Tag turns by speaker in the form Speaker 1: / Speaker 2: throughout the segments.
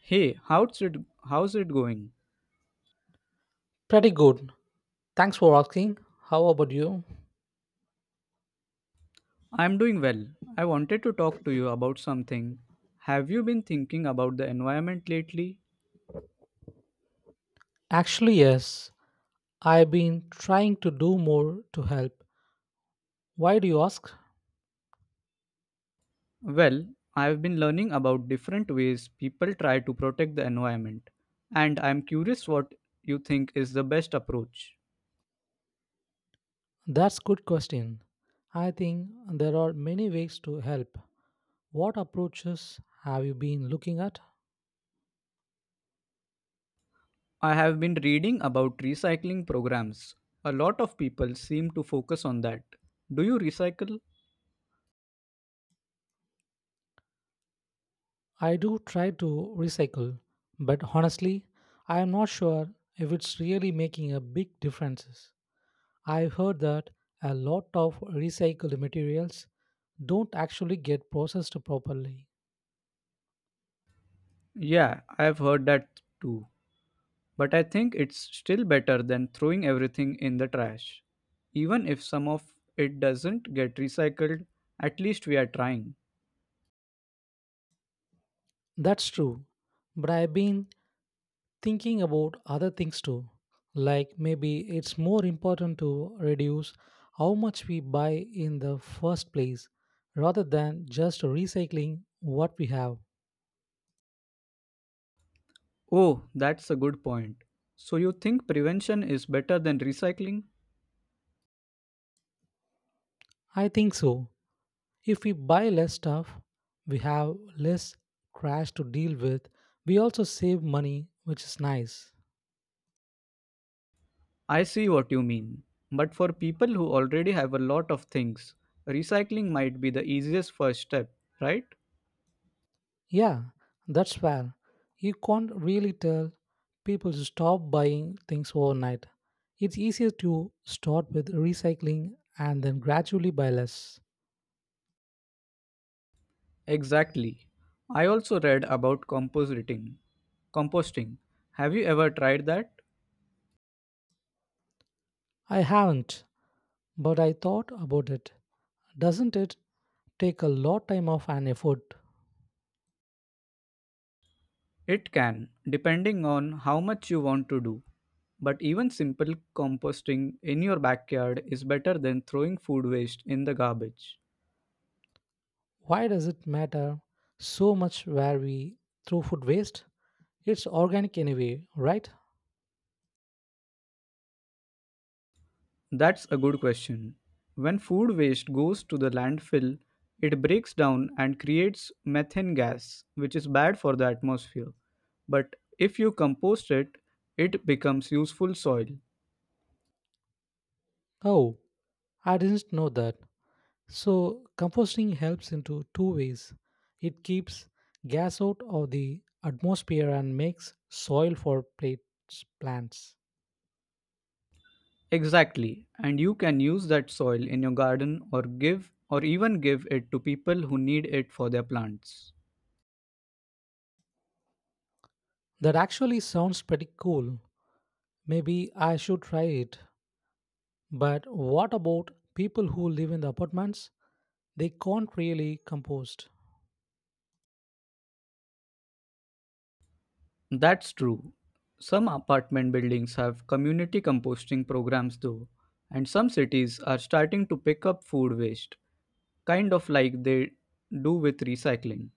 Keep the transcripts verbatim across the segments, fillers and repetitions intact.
Speaker 1: Hey, how's it How's it going?
Speaker 2: Pretty good. Thanks for asking. How about you?
Speaker 1: I'm doing well. I wanted to talk to you about something. Have you been thinking about the environment lately?
Speaker 2: Actually, yes. I've been trying to do more to help. Why do you ask?
Speaker 1: Well, I've been learning about different ways people try to protect the environment, and I'm curious what you think is the best approach.
Speaker 2: That's good question. I think there are many ways to help. What approaches have you been looking at?
Speaker 1: I have been reading about recycling programs. A lot of people seem to focus on that. Do you recycle?
Speaker 2: I do try to recycle, but honestly, I am not sure if it's really making a big difference. I've heard that a lot of recycled materials don't actually get processed properly.
Speaker 1: Yeah, I've heard that too. But I think it's still better than throwing everything in the trash. Even if some of it doesn't get recycled, at least we are trying.
Speaker 2: That's true. But I've been thinking about other things too. Like maybe it's more important to reduce how much we buy in the first place rather than just recycling what we have.
Speaker 1: Oh, that's a good point. So you think prevention is better than recycling?
Speaker 2: I think so. If we buy less stuff, we have less trash to deal with. We also save money, which is nice.
Speaker 1: I see what you mean. But for people who already have a lot of things, recycling might be the easiest first step, right?
Speaker 2: Yeah, that's fair. You can't really tell people to stop buying things overnight. It's easier to start with recycling and then gradually buy less.
Speaker 1: Exactly. I also read about compositing. Composting. Have you ever tried that?
Speaker 2: I haven't, but I thought about it. Doesn't it take a lot time off and effort?
Speaker 1: It can, depending on how much you want to do. But even simple composting in your backyard is better than throwing food waste in the garbage.
Speaker 2: Why does it matter so much where we throw food waste? It's organic anyway, right?
Speaker 1: That's a good question. When food waste goes to the landfill, it breaks down and creates methane gas, which is bad for the atmosphere. But if you compost it, it becomes useful soil.
Speaker 2: Oh, I didn't know that. So, composting helps in two two ways. It keeps gas out of the atmosphere and makes soil for plates, plants.
Speaker 1: Exactly, and you can use that soil in your garden or give or even give it to people who need it for their plants.
Speaker 2: That actually sounds pretty cool. Maybe I should try it. But what about people who live in the apartments? They can't really compost.
Speaker 1: That's true. Some apartment buildings have community composting programs though, and some cities are starting to pick up food waste, kind of like they do with recycling.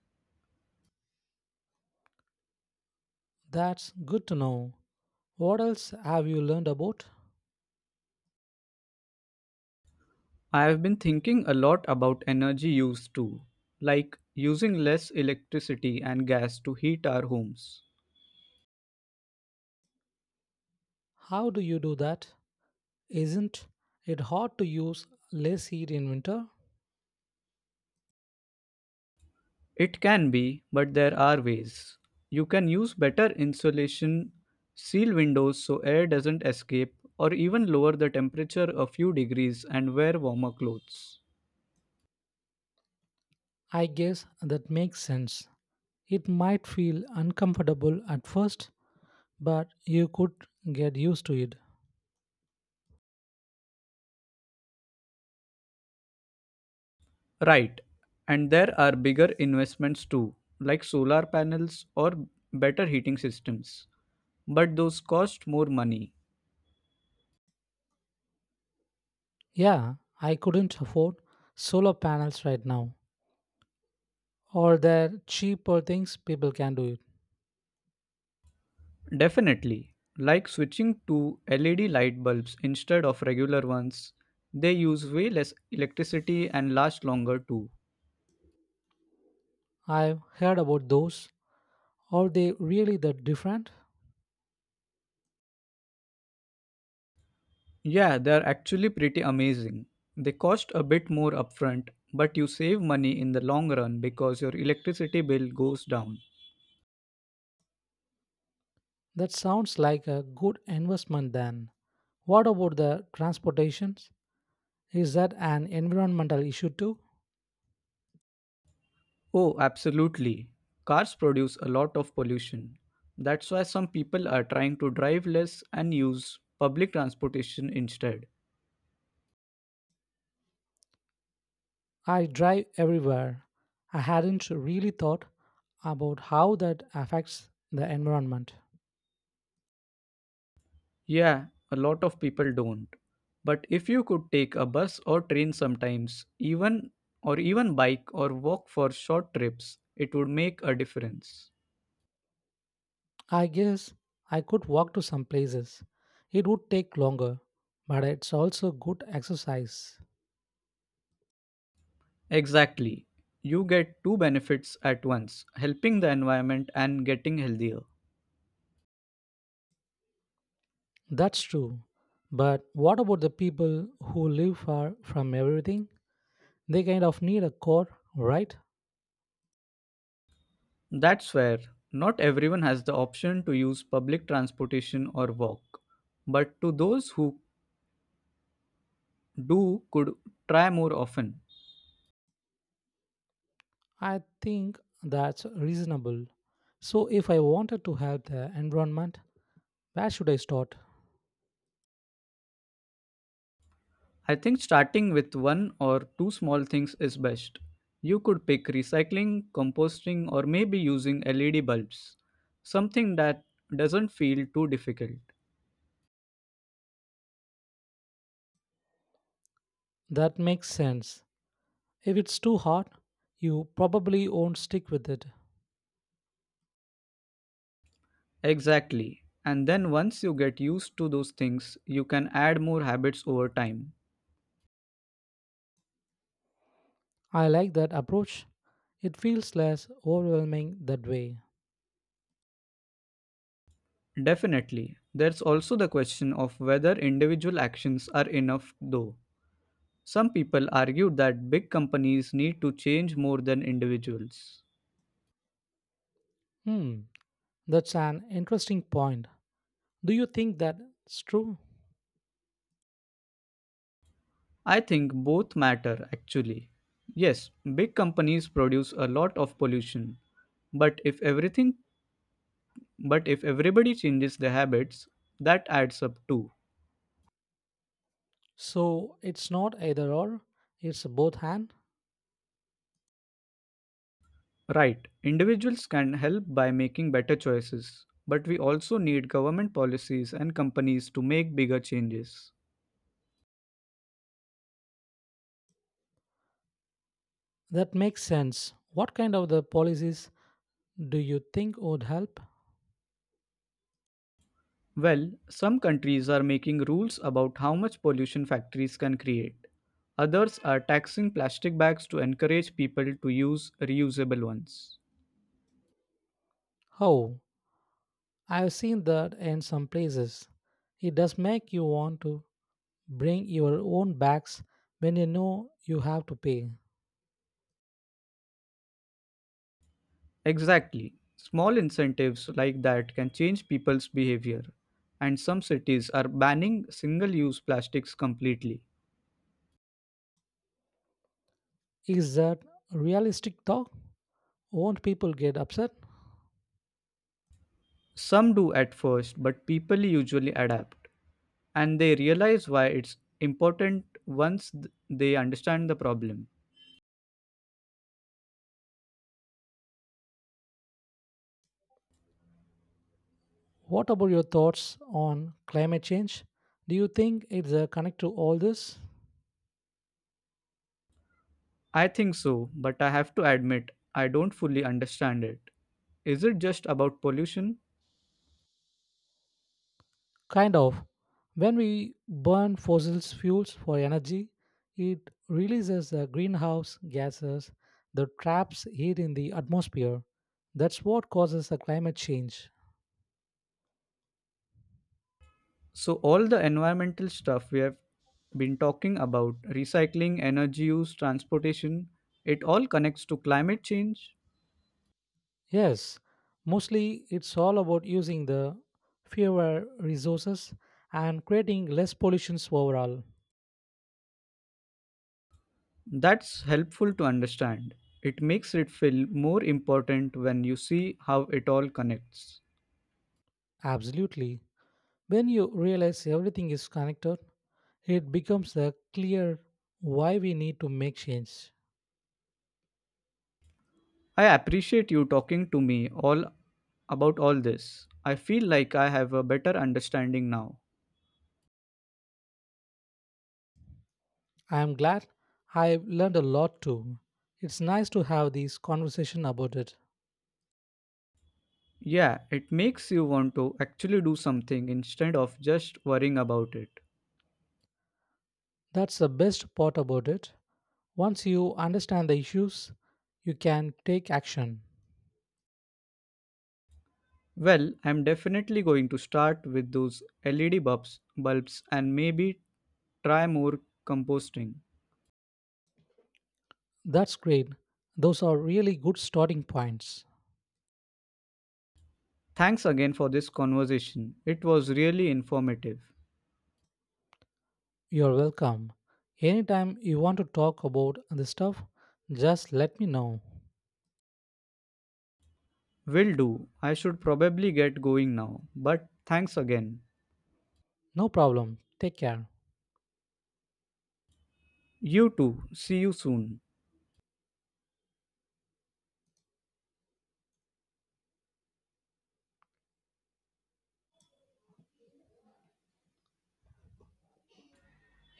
Speaker 2: That's good to know. What else have you learned about?
Speaker 1: I have been thinking a lot about energy use too, like using less electricity and gas to heat our homes.
Speaker 2: How do you do that? Isn't it hard to use less heat in winter?
Speaker 1: It can be, but there are ways. You can use better insulation, seal windows so air doesn't escape, or even lower the temperature a few degrees and wear warmer clothes.
Speaker 2: I guess that makes sense. It might feel uncomfortable at first, but you could get used to it.
Speaker 1: Right, and there are bigger investments too, like solar panels or better heating systems, but those cost more money.
Speaker 2: Yeah, I couldn't afford solar panels right now, or the cheaper things people can do it.
Speaker 1: Definitely, like switching to L E D light bulbs instead of regular ones, they use way less electricity and last longer too.
Speaker 2: I've heard about those. Are they really that different?
Speaker 1: Yeah, they're actually pretty amazing. They cost a bit more upfront, but you save money in the long run because your electricity bill goes down.
Speaker 2: That sounds like a good investment then. What about the transportations? Is that an environmental issue too?
Speaker 1: Oh, absolutely. Cars produce a lot of pollution. That's why some people are trying to drive less and use public transportation instead.
Speaker 2: I drive everywhere. I hadn't really thought about how that affects the environment.
Speaker 1: Yeah, a lot of people don't. But if you could take a bus or train sometimes, even or even bike or walk for short trips, it would make a difference.
Speaker 2: I guess I could walk to some places. It would take longer, but it's also good exercise.
Speaker 1: Exactly. You get two benefits at once helping the environment and getting healthier.
Speaker 2: That's true. But what about the people who live far from everything? They kind of need a car, right?
Speaker 1: That's where not everyone has the option to use public transportation or walk. But to those who do, could try more often.
Speaker 2: I think that's reasonable. So, if I wanted to help the environment, where should I start?
Speaker 1: I think starting with one or two small things is best. You could pick recycling, composting, or maybe using L E D bulbs. Something that doesn't feel too difficult.
Speaker 2: That makes sense. If it's too hard, you probably won't stick with it.
Speaker 1: Exactly. And then once you get used to those things, you can add more habits over time.
Speaker 2: I like that approach. It feels less overwhelming that way.
Speaker 1: Definitely. There's also the question of whether individual actions are enough, though. Some people argue that big companies need to change more than individuals.
Speaker 2: Hmm, that's an interesting point. Do you think that's true?
Speaker 1: I think both matter, actually. Yes, big companies produce a lot of pollution, but if everything but if everybody changes their habits, that adds up too.
Speaker 2: So it's not either or, it's both hand?
Speaker 1: Right, individuals can help by making better choices, but we also need government policies and companies to make bigger changes.
Speaker 2: That makes sense. What kind of the policies do you think would help?
Speaker 1: Well, some countries are making rules about how much pollution factories can create. Others are taxing plastic bags to encourage people to use reusable ones.
Speaker 2: Oh, I've seen that in some places. It does make you want to bring your own bags when you know you have to pay.
Speaker 1: Exactly. Small incentives like that can change people's behavior. And some cities are banning single use plastics completely.
Speaker 2: Is that realistic though? Won't people get upset?
Speaker 1: Some do at first, but people usually adapt and they realize why it's important once th- they understand the problem.
Speaker 2: What about your thoughts on climate change? Do you think it's a connect to all this?
Speaker 1: I think so, but I have to admit, I don't fully understand it. Is it just about pollution?
Speaker 2: Kind of. When we burn fossil fuels for energy, it releases the greenhouse gases that traps heat in the atmosphere. That's what causes the climate change.
Speaker 1: So, all the environmental stuff we have been talking about recycling, energy use, transportation it all connects to climate change.
Speaker 2: Yes, mostly it's all about using the fewer resources and creating less pollutions overall.
Speaker 1: That's helpful to understand. It makes it feel more important when you see how it all connects.
Speaker 2: Absolutely. When you realize everything is connected, it becomes uh, clear why we need to make change.
Speaker 1: I appreciate you talking to me all about all this. I feel like I have a better understanding now.
Speaker 2: I am glad I learned a lot too. It's nice to have these conversation about it.
Speaker 1: Yeah, it makes you want to actually do something instead of just worrying about it.
Speaker 2: That's the best part about it. Once you understand the issues, you can take action.
Speaker 1: Well, I'm definitely going to start with those L E D bulbs, bulbs and maybe try more composting.
Speaker 2: That's great. Those are really good starting points.
Speaker 1: Thanks again for this conversation. It was really informative.
Speaker 2: You're welcome. Anytime you want to talk about this stuff, just let me know.
Speaker 1: Will do. I should probably get going now, but thanks again.
Speaker 2: No problem. Take care.
Speaker 1: You too. See you soon.